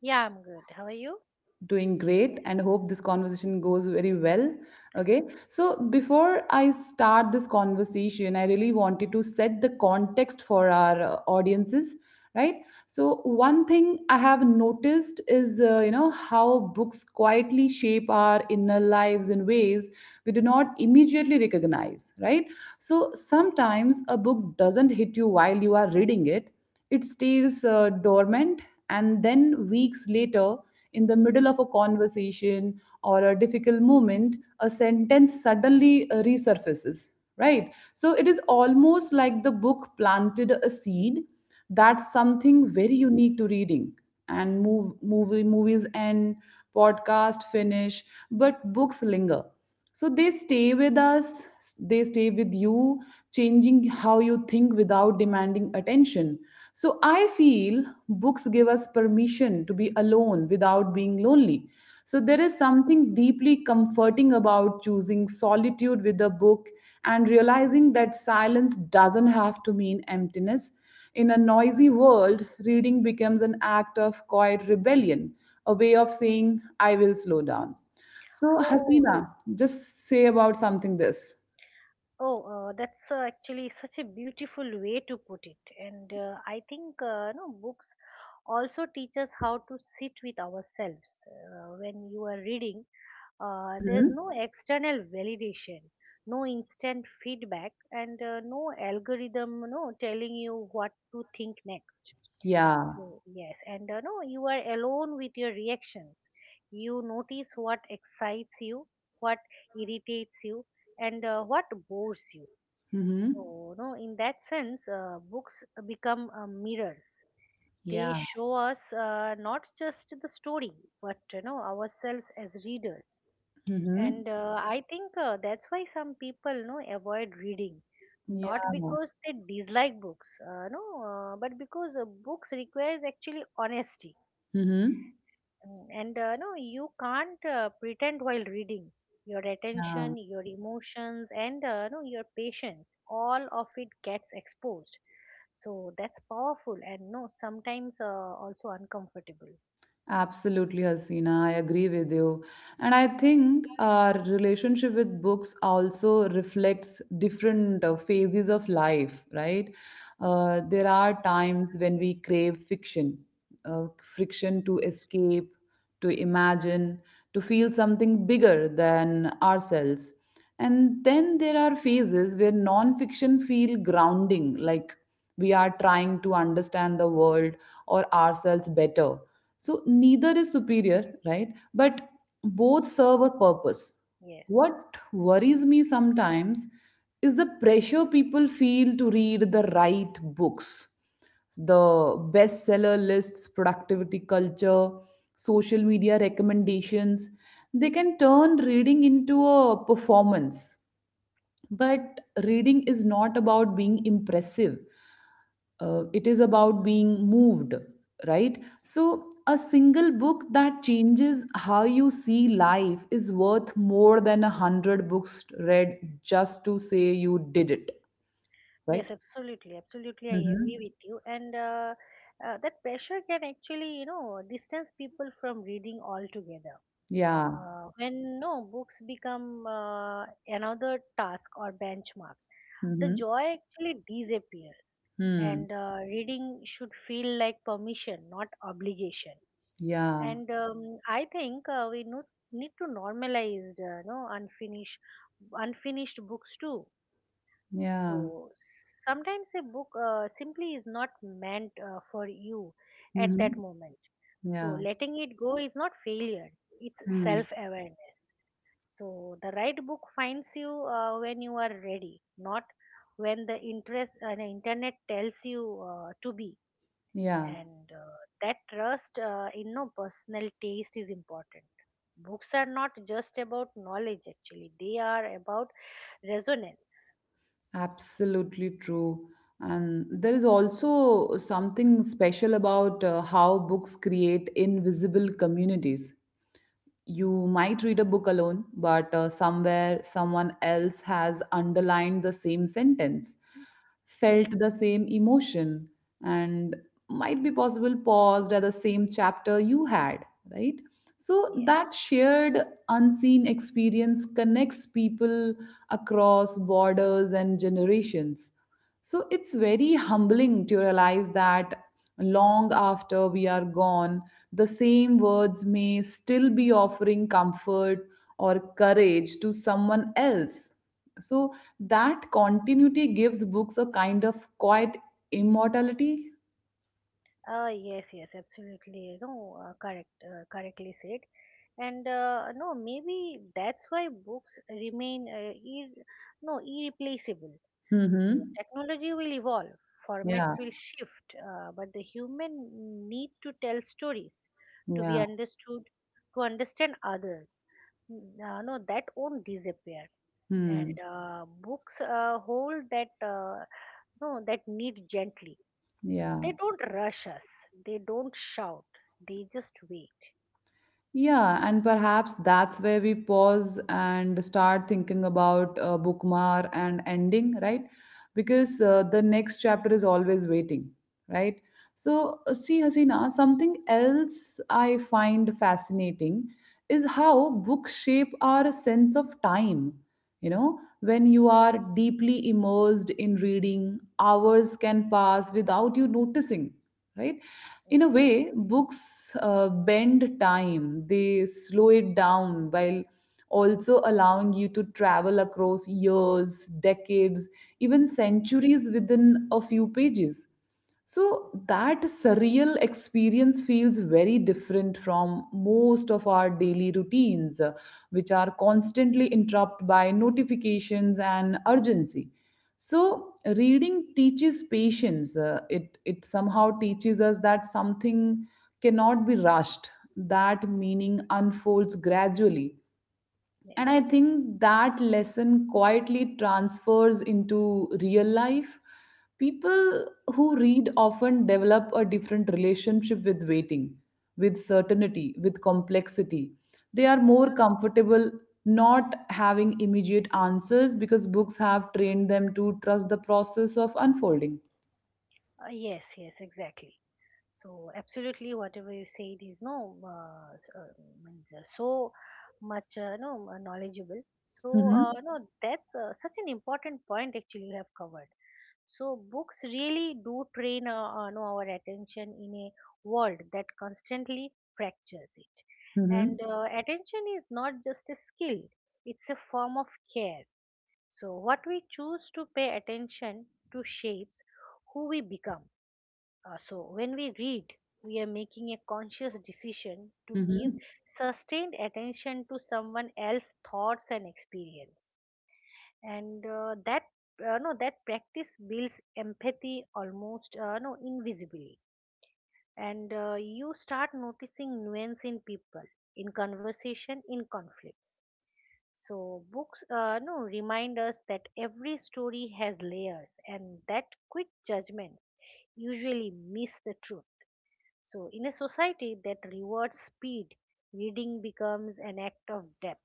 Yeah, I'm good. How are you? Oh, oh, that's actually such a beautiful way to put it. And I think no books also teach us how to sit with ourselves. When you are reading, there's no external validation, no instant feedback, and no algorithm, no telling you what to think next. Exactly, yes. And no, you are alone with your reactions. You notice what excites you, what irritates you, and what bores you. So, no, in that sense, books become mirrors. They show us not just the story, but ourselves as readers. And I think that's why some people no avoid reading, not because they dislike books, no, but because books requires actually honesty. And no, you can't pretend while reading. Your attention, your emotions, and no, your patience, all of it gets exposed. So that's powerful and, no, sometimes also uncomfortable. Yes. Yes, absolutely. Absolutely, I agree with you. And that pressure can actually, distance people from reading altogether. When no books become another task or benchmark, the joy actually disappears, and reading should feel like permission, not obligation. And I think we need to normalize no unfinished books too. So sometimes a book simply is not meant for you at that moment, so letting it go is not failure, it's self awareness. So the right book finds you when you are ready, not when the internet tells you to be. And that trust in no personal taste is important. Books are not just about knowledge. Actually, they are about resonance. Yes, yes. Yes, yes, absolutely. No, correct, correctly said. And no, maybe that's why books remain no irreplaceable. So technology will evolve, formats will shift, but the human need to tell stories, to be understood, to understand others. No, that won't disappear. And books hold that, no, that need gently. They don't rush us. They don't shout. They just wait. Yes. Yes. Yes. Yes. Yes. Exactly. So absolutely, whatever you said is, no, means so much, no, knowledgeable. So no, that's such an important point actually you have covered. So books really do train no, our attention in a world that constantly fractures it. And attention is not just a skill; it's a form of care. So what we choose to pay attention to shapes who we become. So, when we read, we are making a conscious decision to give sustained attention to someone else's thoughts and experience. And that no, that practice builds empathy almost, no, invisibly, and you start noticing nuance in people, in conversation, in conflicts. So books no remind us that every story has layers, and that quick judgments usually miss the truth. So, in a society that rewards speed, reading becomes an act of depth.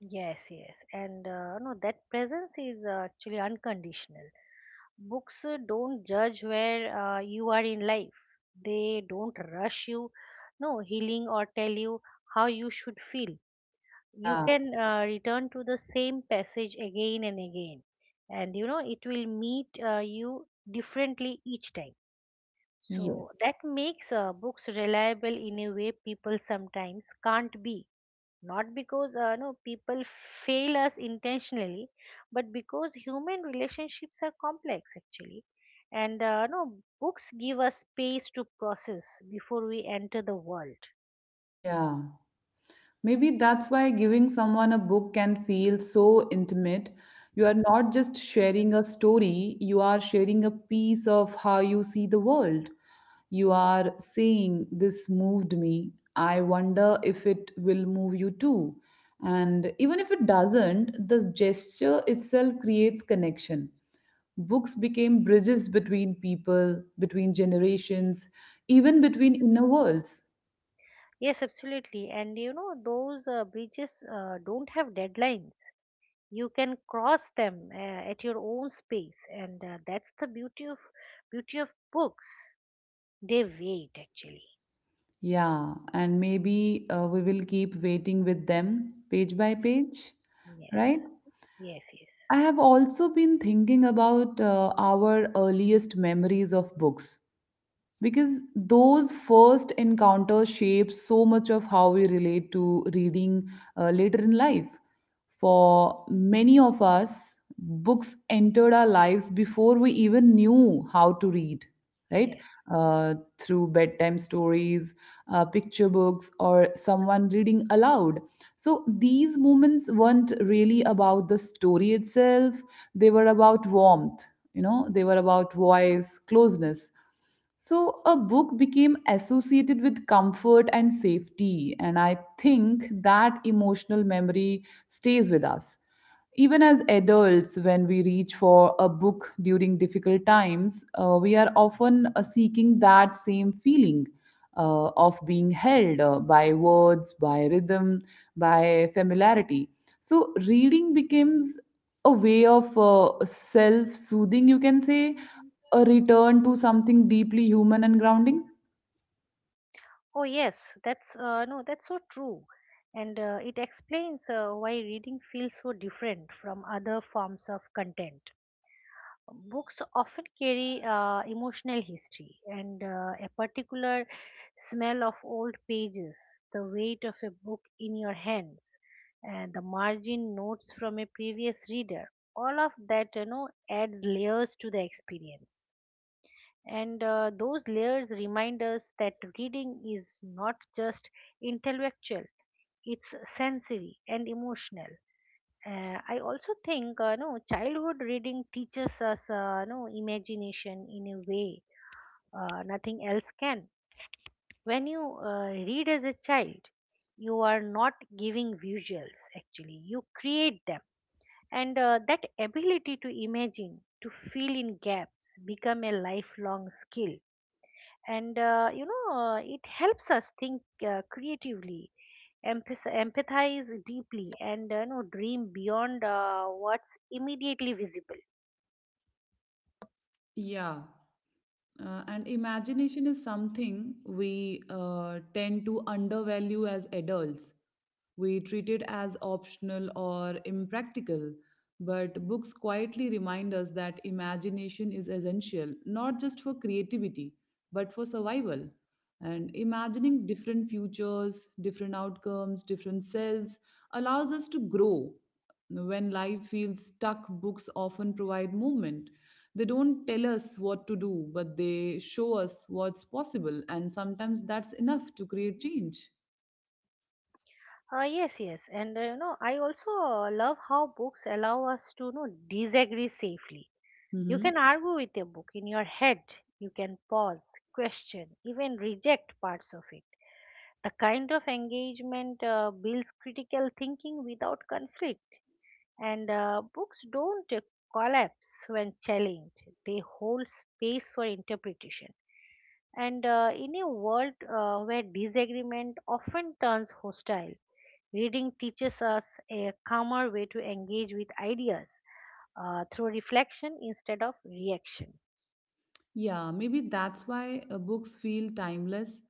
Yes, yes, and no, that presence is actually unconditional. Books don't judge where you are in life. They don't rush you, no healing or tell you how you should feel. You can return to the same passage again and again, and it will meet you differently each time. So that makes books reliable in a way people sometimes can't be. Not because no people fail us intentionally, but because human relationships are complex actually, and no books give us space to process before we enter the world. Yes, absolutely. And those bridges don't have deadlines. You can cross them at your own space, and that's the beauty of books. They wait actually. Yes, yes, yes, yes. Oh yes, that's no, that's so true, and it explains why reading feels so different from other forms of content. Books often carry emotional history and a particular smell of old pages, the weight of a book in your hands, and the margin notes from a previous reader. All of that, adds layers to the experience. And those layers remind us that reading is not just intellectual, it's sensory and emotional. I also think, no, childhood reading teaches us, no, imagination in a way nothing else can. When you read as a child, you are not giving visuals. Actually, you create them, and that ability to imagine, to fill in gaps, become a lifelong skill. And it helps us think creatively, empathize deeply, and dream beyond what's immediately visible. Yeah. And imagination is something we tend to undervalue as adults. We treat it as optional or impractical, but books quietly remind us that imagination is essential, not just for creativity, but for survival. And imagining different futures, different outcomes, different selves allows us to grow. When life feels stuck, books often provide movement. They don't tell us what to do, but they show us what's possible, and sometimes that's enough to create change. Yes, yes, and I also love how books allow us to disagree safely. You Hmm. can argue with a book in your head. You can pause, question, even reject parts of it. The kind of engagement builds critical thinking without conflict, and books don't collapse when challenged. They hold space for interpretation. And in a world where disagreement often turns hostile, reading teaches us a calmer way to engage with ideas, through reflection instead of reaction. Yeah, maybe that's why books feel timeless.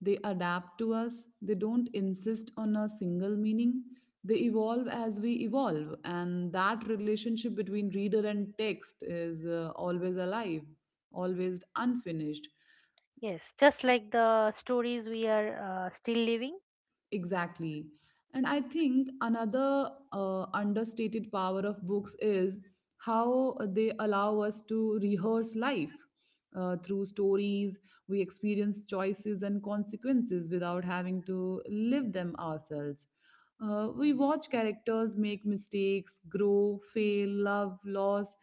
They adapt to us, they don't insist on a single meaning. They evolve as we evolve, and that relationship between reader and text is always alive, always unfinished. Yes, just like the stories we are still living. Exactly. And I think another understated power of books is how they allow us to rehearse life. Through stories, we experience choices and consequences without having to live them ourselves. We watch characters make mistakes, grow, fail, love, loss,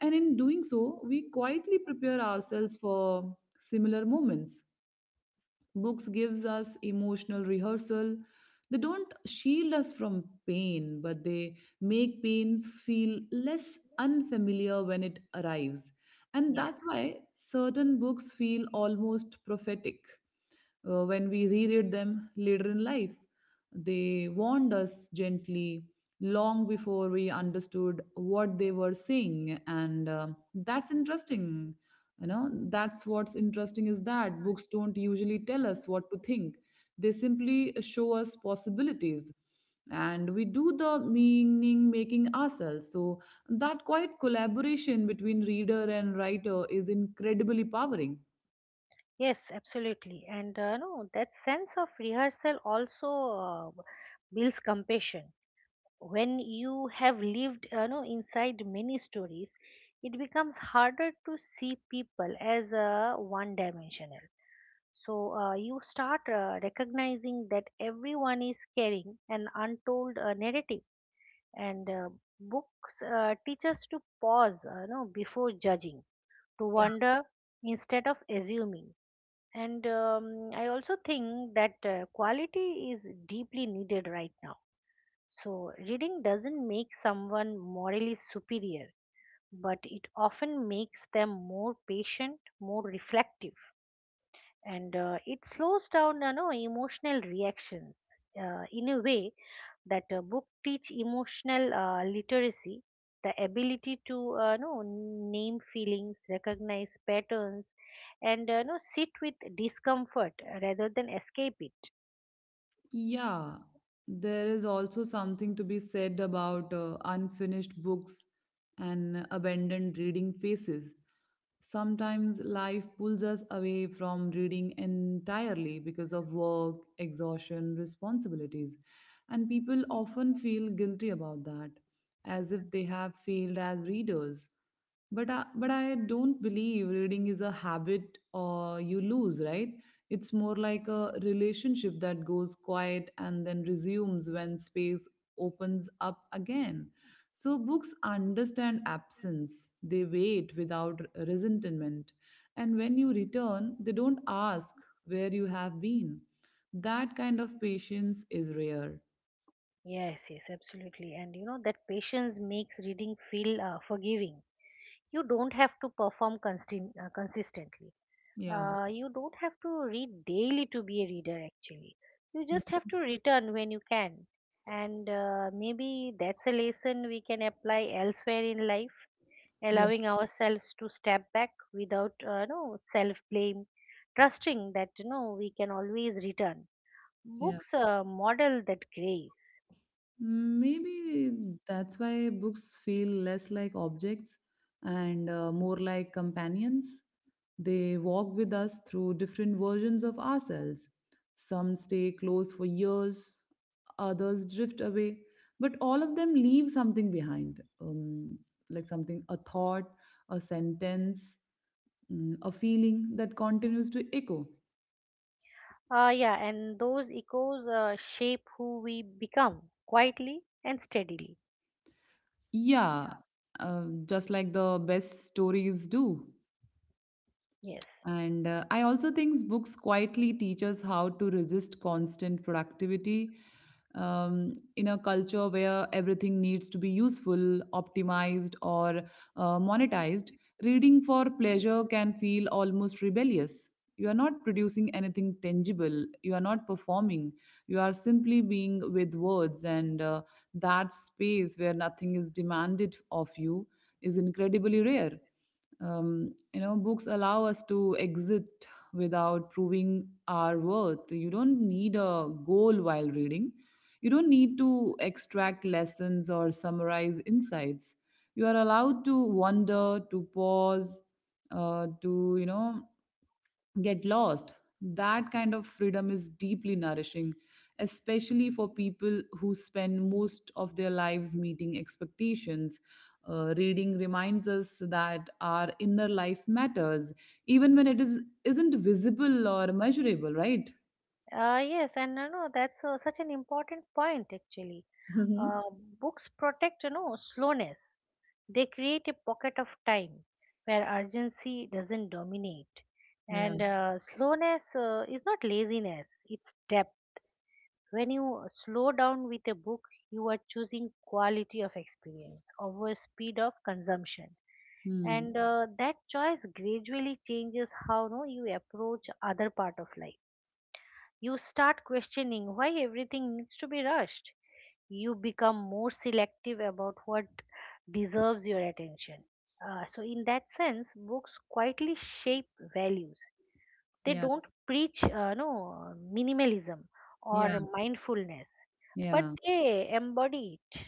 and in doing so, we quietly prepare ourselves for similar moments. Books gives us emotional rehearsal. They don't shield us from pain, but they make pain feel less unfamiliar when it arrives. And that's Yes. why certain books feel almost prophetic when we reread them later in life. They warned us gently long before we understood what they were saying, and that's interesting you know that's what's interesting is that books don't usually tell us what to think. They simply show us possibilities, and we do the meaning making ourselves. So that quiet collaboration between reader and writer is incredibly powering. Yes, absolutely. And no, that sense of rehearsal also builds compassion. When you have lived inside many stories, it becomes harder to see people as one dimensional. So you start recognizing that everyone is carrying an untold narrative, and books teach us to pause, before judging, to Yeah. wonder instead of assuming. And I also think that quality is deeply needed right now. So, reading doesn't make someone morally superior, but it often makes them more patient, more reflective, and it slows down, emotional reactions in a way that a book teach emotional literacy, the ability to know, name feelings, recognize patterns, and know, sit with discomfort rather than escape it. Yeah, there is also something to be said about unfinished books and abandoned reading phases. Sometimes life pulls us away from reading entirely because of work, exhaustion, responsibilities, and people often feel guilty about that, as if they have failed as readers. But I don't believe reading is a habit or you lose, right? It's more like a relationship that goes quiet and then resumes when space opens up again. So books understand absence, they wait without resentment. And when you return, they don't ask where you have been. That kind of patience is rare. Yes, yes, absolutely. And that patience makes reading feel forgiving. You don't have to perform consistently. Yeah. You don't have to read daily to be a reader, actually. You just have to return when you can. And maybe that's a lesson we can apply elsewhere in life, Yeah, allowing ourselves to step back without, no, self blame, trusting that we can always return. yeah. Books model that grace. Mm, maybe that's why books feel less like objects and more like companions. They walk with us through different versions of ourselves. Some stay close for years, others drift away, but all of them leave something behind, like something, a thought, a sentence, mm, a feeling that continues to echo. Yeah, and those echoes shape who we become quietly and steadily. Yeah, just like the best stories do. Yes. And I also think books quietly teach us how to resist constant productivity, in a culture where everything needs to be useful, optimized, or monetized. Reading for pleasure can feel almost rebellious. You are not producing anything tangible. You are not performing. You are simply being with words, and that space where nothing is demanded of you is incredibly rare. Um, books allow us to exit without proving our worth. You don't need a goal while reading, you don't need to extract lessons or summarize insights. You are allowed to wander, to pause, to get lost. That kind of freedom is deeply nourishing, especially for people who spend most of their lives meeting expectations. Reading reminds us that our inner life matters, even when it is isn't visible or measurable, right? Yes, and that's such an important point actually. Uh, Hmm. books protect slowness. They create a pocket of time where urgency doesn't dominate, Yeah. and slowness is not laziness; it's depth. When you slow down with a book, you are choosing quality of experience over speed of consumption. Hmm. And that choice gradually changes how, no, you approach other part of life. You start questioning why everything needs to be rushed. You become more selective about what deserves your attention. So, in that sense, books quietly shape values. They Yeah. don't preach, no, minimalism Yeah. or mindfulness, but Yeah. they embody it.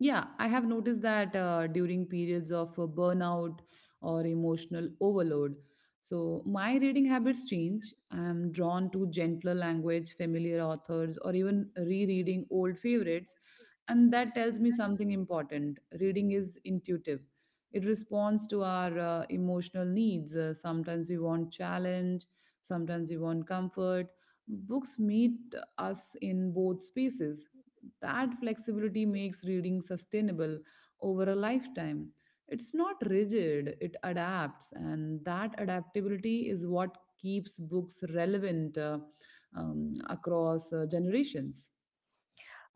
Yeah, I have noticed that during periods of burnout or emotional overload. So, my reading habits change. I'm drawn to gentler language, familiar authors, or even rereading old favorites. And that tells me something important. Reading is intuitive, it responds to our emotional needs. Sometimes we want challenge, sometimes we want comfort. Books meet us in both spaces. That flexibility makes reading sustainable over a lifetime. It's not rigid, it adapts, and that adaptability is what keeps books relevant across generations.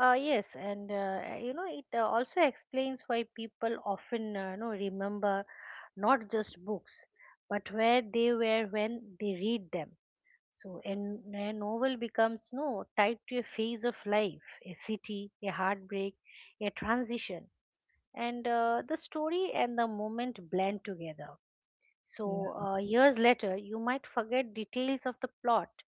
Yes, and it also explains why people often, remember not just books but where they were when they read them. So and a novel becomes no tied to a phase of life, a city, a heartbreak, a transition, and the story and the moment blend together. So, Yeah. Years later, you might forget details of the plot,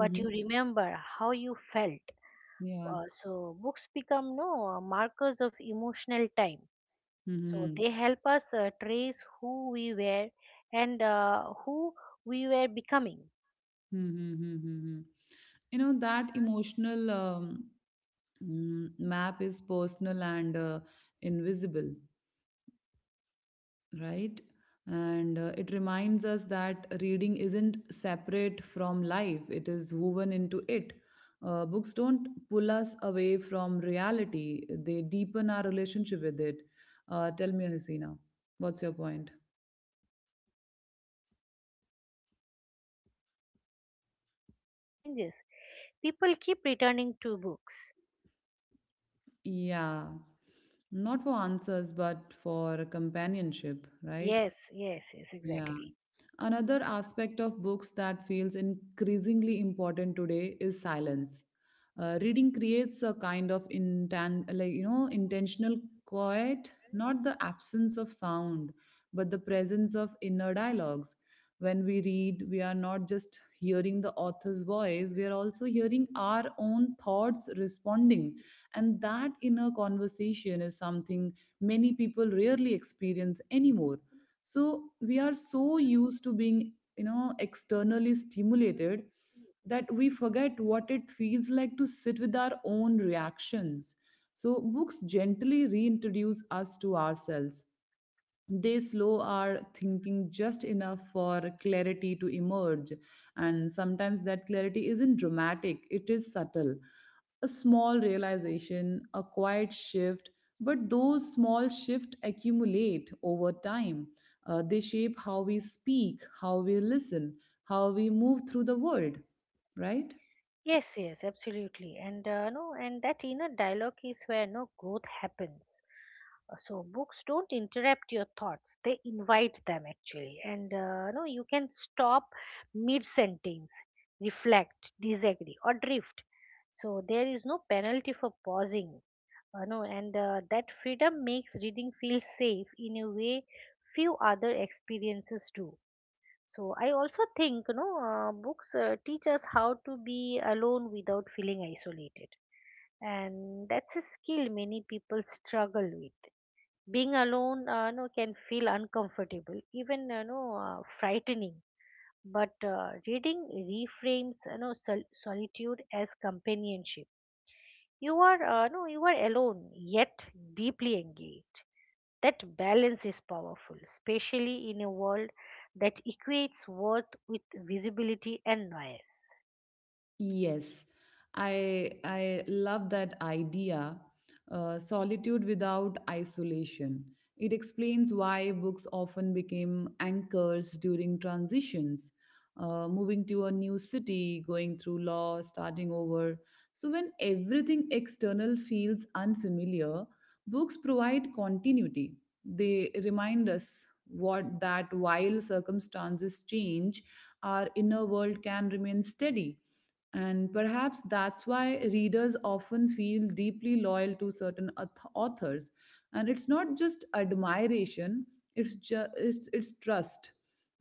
but you remember how you felt. Yeah. So, books become no markers of emotional time. So, Mm-hmm. they help us trace who we were and who we were becoming. Mm-hmm. You know, that emotional mm, map is personal and invisible, right? And it reminds us that reading isn't separate from life, it is woven into it. Books don't pull us away from reality, they deepen our relationship with it. Tell me, Hasina, what's your point? Changes. People keep returning to books. Yeah, not for answers, but for companionship, right? Yes, yes, yes, Yeah. exactly. Another aspect of books that feels increasingly important today is silence. Reading creates a kind of intentional quiet, not the absence of sound, but the presence of inner dialogues. When we read, we are not just hearing the author's voice, we are also hearing our own thoughts responding. And that inner conversation is something many people rarely experience anymore. So we are so used to being, you know, externally stimulated that we forget what it feels like to sit with our own reactions. So books gently reintroduce us to ourselves, they slow our thinking just enough for clarity to emerge. And sometimes that clarity isn't dramatic, it is subtle, a small realization, a quiet shift, but those small shifts accumulate over time. They shape how we speak, how we listen, how we move through the world, right? Yes, yes, absolutely. And no, and that inner dialogue is where no growth happens. So books don't interrupt your thoughts; they invite them actually. And no, you can stop mid-sentence, reflect, disagree, or drift. So there is no penalty for pausing. No, and that freedom makes reading feel safe in a way few other experiences do. So I also think, books teach us how to be alone without feeling isolated. And that's a skill many people struggle with. Being alone, no, can feel uncomfortable, even, frightening. But reading reframes, solitude as companionship. You are, no, you are alone, yet deeply engaged. That balance is powerful, especially in a world that equates worth with visibility and noise. Yes, I love that idea. Solitude without isolation. It explains why books often became anchors during transitions, moving to a new city, going through law, starting over. So when everything external feels unfamiliar, books provide continuity. They remind us what that while circumstances change, our inner world can remain steady. And perhaps that's why readers often feel deeply loyal to certain authors. And it's not just admiration, it's trust.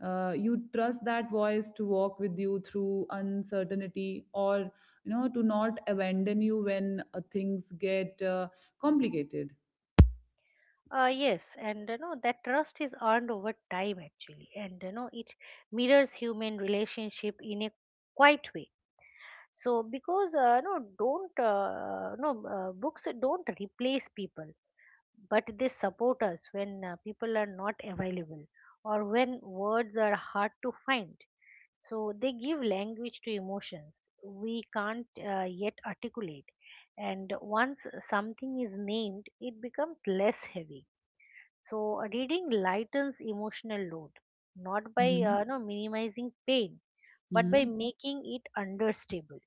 You trust that voice to walk with you through uncertainty, or you know, to not abandon you when things get complicated. Yes, and you know that trust is earned over time actually, and you know it mirrors human relationship in a quiet way. So because no, don't no books don't replace people, but they support us when people are not available or when words are hard to find. So they give language to emotions we can't yet articulate. And once something is named, it becomes less heavy. So reading lightens emotional load, not by no, minimizing pain, but by Mhm. making it understable.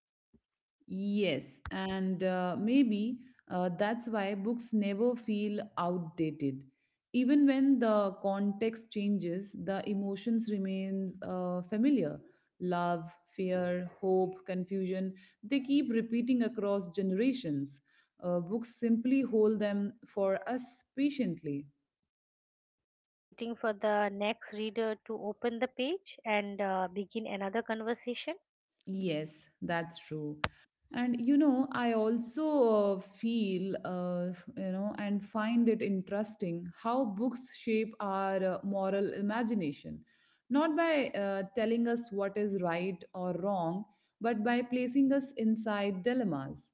Yes, and maybe that's why books never feel outdated. Even when the context changes, the emotions remains familiar. Love, fear, hope, confusion, they keep repeating across generations. Books simply hold them for us patiently. Waiting for the next reader to open the page and begin another conversation. Yes, that's true. And you know, I also feel, you know, and find it interesting how books shape our moral imagination, not by telling us what is right or wrong, but by placing us inside dilemmas.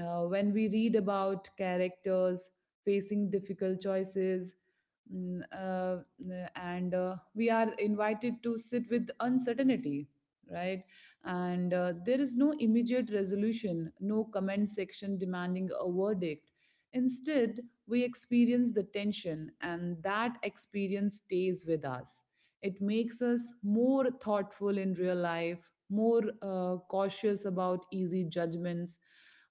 When we read about characters facing difficult choices, mm, and we are invited to sit with uncertainty, right? And there is no immediate resolution, no comment section demanding a verdict. Instead, we experience the tension, and that experience stays with us. It makes us more thoughtful in real life, more cautious about easy judgments.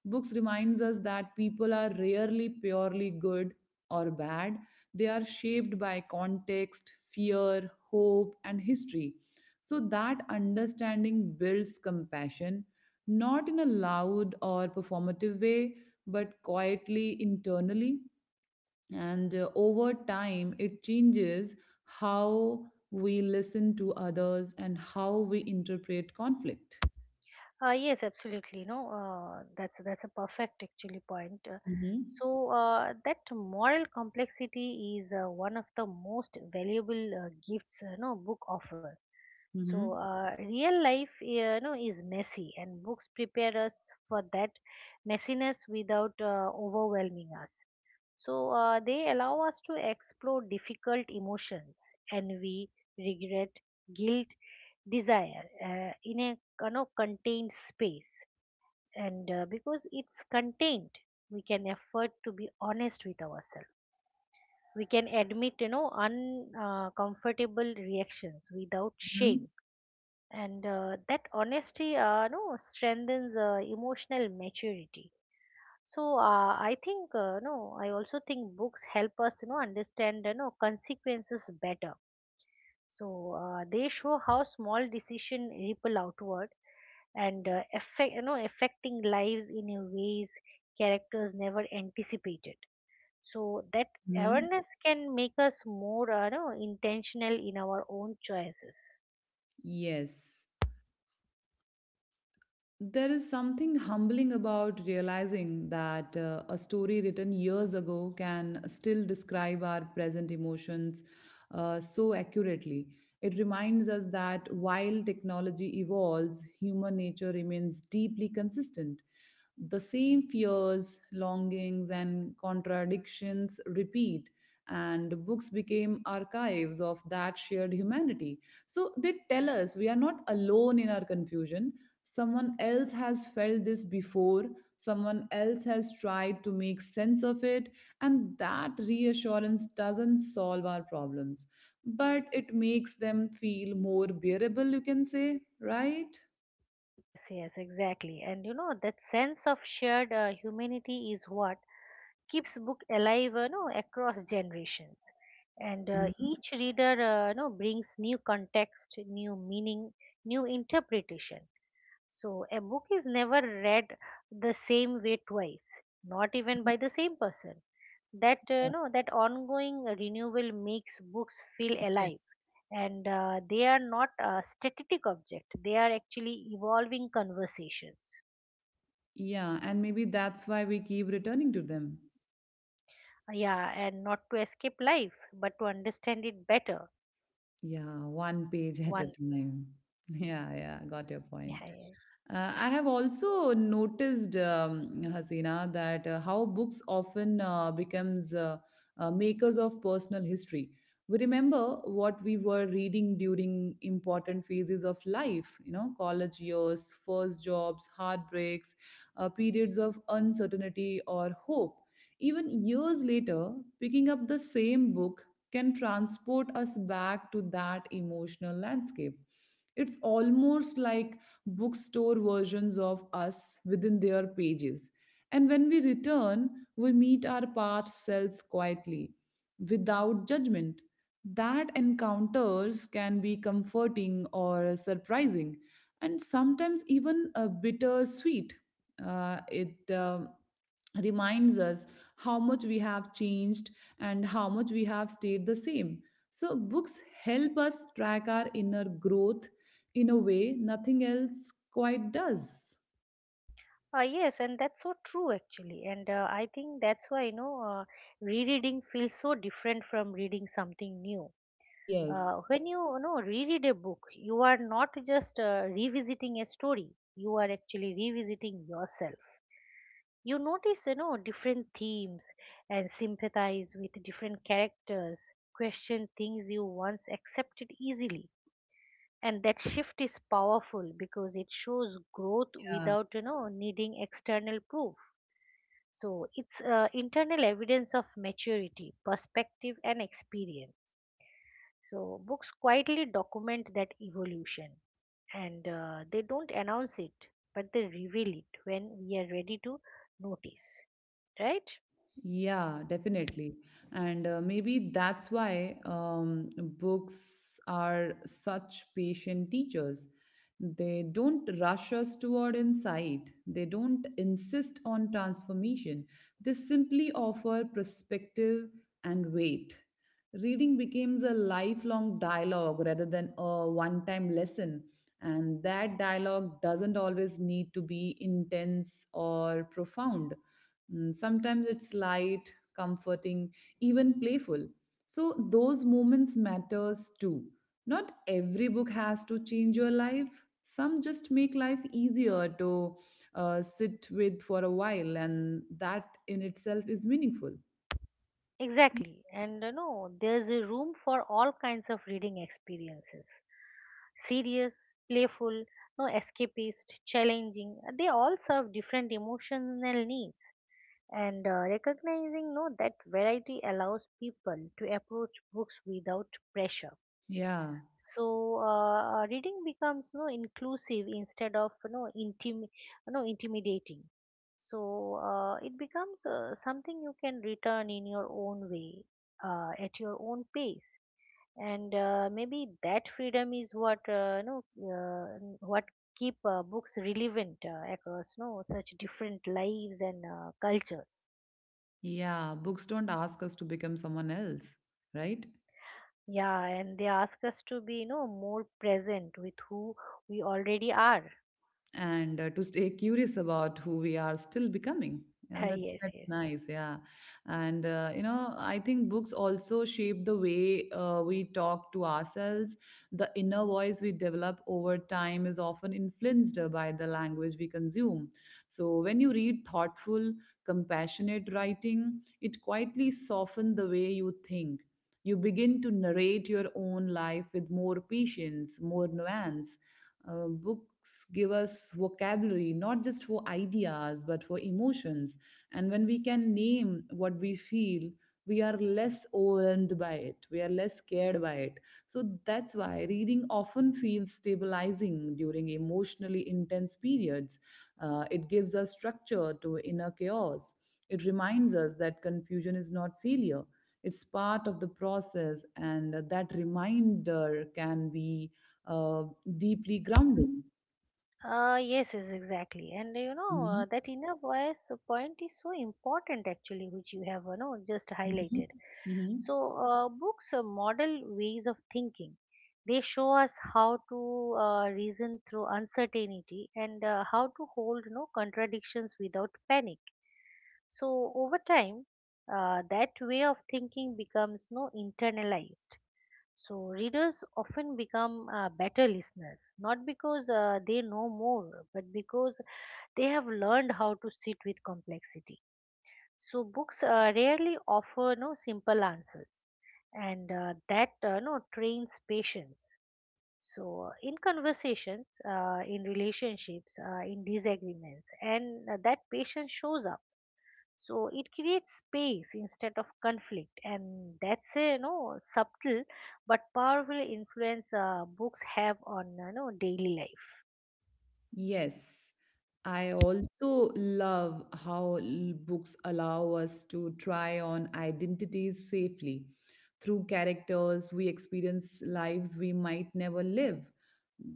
Books reminds us that people are rarely purely good or bad. They are shaped by context, fear, hope and history. So that understanding builds compassion, not in a loud or performative way, but quietly, internally. And over time it changes how we listen to others and how we interpret conflict. Yes, absolutely. No, that's a perfect actually point. Uh, Mhm. so uh, that moral complexity is one of the most valuable gifts no book offer. So Mhm. Real life, you know, is messy, and books prepare us for that messiness without overwhelming us. So they allow us to explore difficult emotions, envy, regret, guilt, desire in a, you know, contained space. And because it's contained, we can afford to be honest with ourselves. We can admit, you know, uncomfortable reactions without Mhm. shame. And that honesty, no, strengthens emotional maturity. So I think no, I also think books help us, you know, understand, you know, consequences better. So they show how small decision ripple outward and affect, you know, affecting lives in a ways characters never anticipated. So that Mhm. awareness can make us more you know, intentional in our own choices. Yes. There is something humbling about realizing that a story written years ago can still describe our present emotions so accurately. It reminds us that while technology evolves, human nature remains deeply consistent. The same fears, longings, and contradictions repeat, and books became archives of that shared humanity. So they tell us we are not alone in our confusion. Someone else has felt this before, someone else has tried to make sense of it, and that reassurance doesn't solve our problems, but it makes them feel more bearable, you can say, right? Yes, yes, exactly. And you know that sense of shared humanity is what keeps book alive, no, across generations, and Mhm. each reader, no, brings new context, new meaning, new interpretation. So a book is never read the same way twice, not even by the same person. that uh, Yeah. no that ongoing renewal makes books feel alive, Yes. and they are not a static object, they are actually evolving conversations. Yeah, and maybe that's why we keep returning to them. Yeah, and not to escape life but to understand it better. Yeah, one page at a One. time. Yeah, yeah, got your Yeah, point. yeah. I have also noticed, Hasina, that how books often becomes makers of personal history. We remember what we were reading during important phases of life, you know, college years, first jobs, heartbreaks, periods of uncertainty or hope. Even years later, picking up the same book can transport us back to that emotional landscape. It's almost like bookstore versions of us within their pages. And when we return, we meet our past selves quietly, without judgment. That encounters can be comforting or surprising, and sometimes even bittersweet. It reminds us how much we have changed and how much we have stayed the same. So, books help us track our inner growth in a way nothing else quite does. Yes, and that's so true actually. And I think that's why, you know, rereading feels so different from reading something new. Yes. When you know, reread a book, you are not just revisiting a story, you are actually revisiting yourself. You notice, you know, different themes and sympathize with different characters, question things you once accepted easily, and that shift is powerful because it shows growth Yeah. without, you know, needing external proof. So it's internal evidence of maturity, perspective and experience. So books quietly document that evolution, and they don't announce it, but they reveal it when we are ready to notice, right? Yeah, definitely. And maybe that's why books are such patient teachers. They don't rush us toward insight, they don't insist on transformation. They simply offer perspective and weight. Reading becomes a lifelong dialogue rather than a one time lesson. And that dialogue doesn't always need to be intense or profound. Mm, sometimes it's light, comforting, even playful. So those moments matters too. Not every book has to change your life. Some just make life easier to sit with for a while, and that in itself is meaningful. Exactly. And you know, there's a room for all kinds of reading experiences. Serious, playful, no escapist, challenging. They all serve different emotional needs. And recognizing no that variety allows people to approach books without pressure. Yeah, So reading becomes, you know, inclusive instead of, you know, intimidating. So it becomes something you can return in your own way, at your own pace, and maybe that freedom is what what keep books relevant across, you know, such different lives and cultures. yeah. Books don't ask us to become someone else, right? Yeah, and they ask us to be, you know, more present with who we already are. And to stay curious about who we are still becoming yeah Yes, that's yes. nice yeah And I think books also shape the way we talk to ourselves. The inner voice we develop over time is often influenced by the language we consume. So when you read thoughtful, compassionate writing, it quietly softens the way you think. You begin to narrate your own life with more patience, more nuance. Books give us vocabulary, not just for ideas, but for emotions. And when we can name what we feel, we are less overwhelmed by it. We are less scared by it. So that's why reading often feels stabilizing during emotionally intense periods. It gives us structure to inner chaos. It reminds us that confusion is not failure. It's part of the process, and that reminder can be uh, deeply grounding. Yes, yes, exactly. And Mhm, that inner voice point is so important actually, which you have, you know, just mhm, highlighted. mhm. So, books model ways of thinking. They show us how to reason through uncertainty and how to hold contradictions without panic. So, over time, that way of thinking becomes no internalized. So, readers often become better listeners, not because they know more, but because they have learned how to sit with complexity. So, books rarely offer no simple answers, and that no trains patience. So, in conversations, in relationships, in disagreements, and that patience shows up. So it creates space instead of conflict, and that's a, you know, subtle but powerful influence books have on, you know, daily life. Yes, I also love how books allow us to try on identities safely. Through characters, we experience lives we might never live.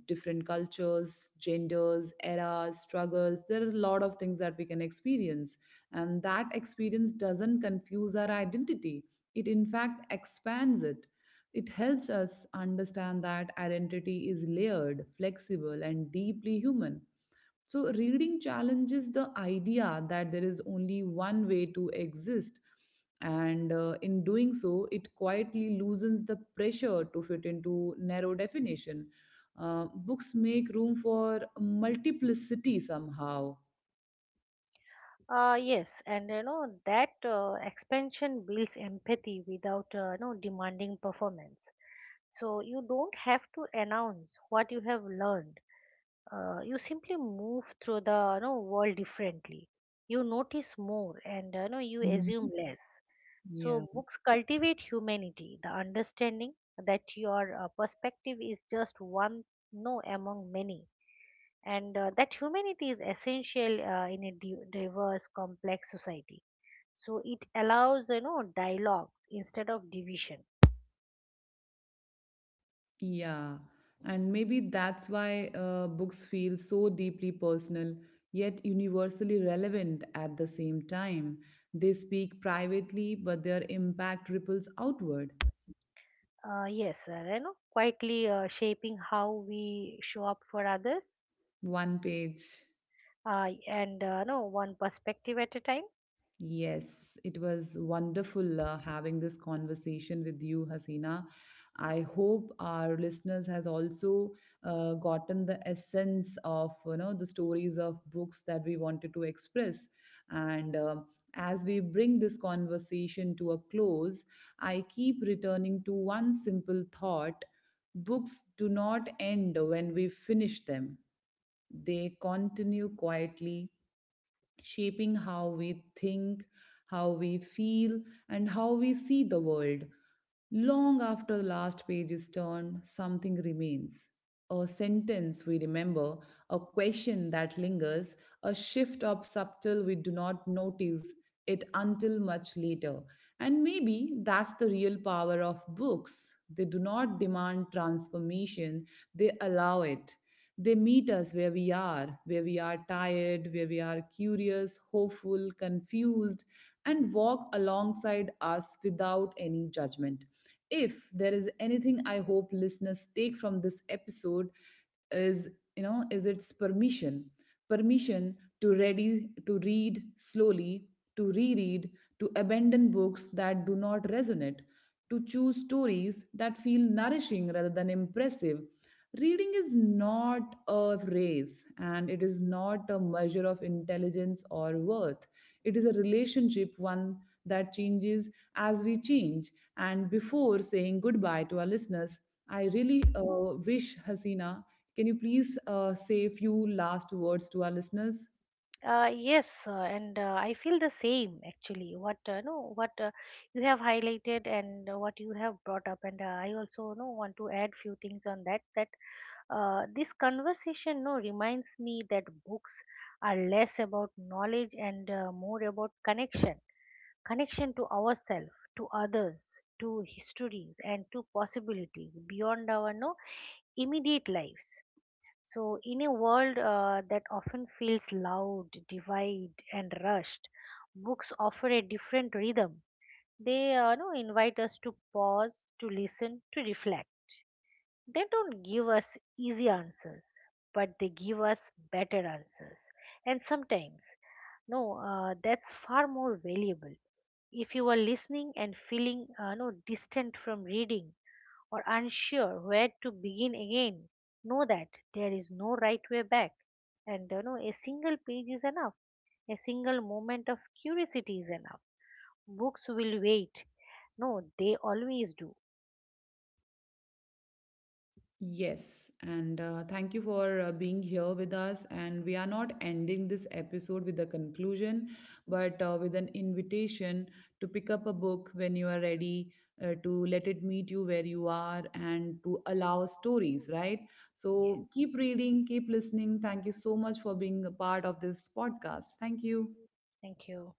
Different cultures, genders, eras, struggles. There are a lot of things that we can experience. And that experience doesn't confuse our identity, it in fact expands it. It helps us understand that identity is layered, flexible, and deeply human. So, reading challenges the idea that there is only one way to exist, and in doing so, it quietly loosens the pressure to fit into narrow definition. Books make room for multiplicity somehow. Yes, and you know that expansion builds empathy without you know, demanding performance. So you don't have to announce what you have learned, you simply move through the, you know, world differently. You notice more and, you know, you assume Mhm. less. So, Yeah. books cultivate humanity, the understanding that your perspective is just one no among many, and that humanity is essential in a diverse, complex society. So, it allows, you know, dialogue instead of division. Yeah, and maybe that's why books feel so deeply personal, yet universally relevant at the same time. They speak privately, but their impact ripples outward. Yes, you know, quietly shaping how we show up for others, One page. And no one perspective at a time. Yes, it was wonderful having this conversation with you, Hasina. I hope our listeners has also gotten the essence of the stories of books that we wanted to express. And as we bring this conversation to a close, I keep returning to one simple thought: books do not end when we finish them; they continue quietly shaping how we think, how we feel, and how we see the world. Long after the last page is turned, something remains. A sentence we remember, a question that lingers, a shift of subtle we do not notice it until much later. And maybe that's the real power of books. They do not demand transformation, they allow it. They meet us where we are tired, where we are curious, hopeful, confused, and walk alongside us without any judgment. If there is anything I hope listeners take from this episode, is is its permission, permission to ready to read slowly, to reread, to abandon books that do not resonate, to choose stories that feel nourishing rather than impressive. Reading is not a race, and it is not a measure of intelligence or worth. It is a relationship, one that changes as we change. And before saying goodbye to our listeners, I really wish Hasina, can you please say a few last words to our listeners? Yes, and I feel the same actually. What no, what you have highlighted and what you have brought up, and I also no want to add few things on that. That this conversation no reminds me that books are less about knowledge and more about connection, connection to ourselves, to others, to histories, and to possibilities beyond our no immediate lives. So, in a world that often feels loud, divide, and rushed, books offer a different rhythm. They no, invite us to pause, to listen, to reflect. They don't give us easy answers, but they give us better answers. And sometimes, no, that's far more valuable. If you are listening and feeling no distant from reading, or unsure where to begin again, know that there is no right way back. And you know, a single page is enough. A single moment of curiosity is enough. Books will wait. No, they always do. Yes, and thank you for being here with us. And we are not ending this episode with a conclusion, but with an invitation to pick up a book when you are ready, to let it meet you where you are, and to allow stories, right? So Yes. keep reading, keep listening. Thank you so much for being a part of this podcast. Thank you. Thank you.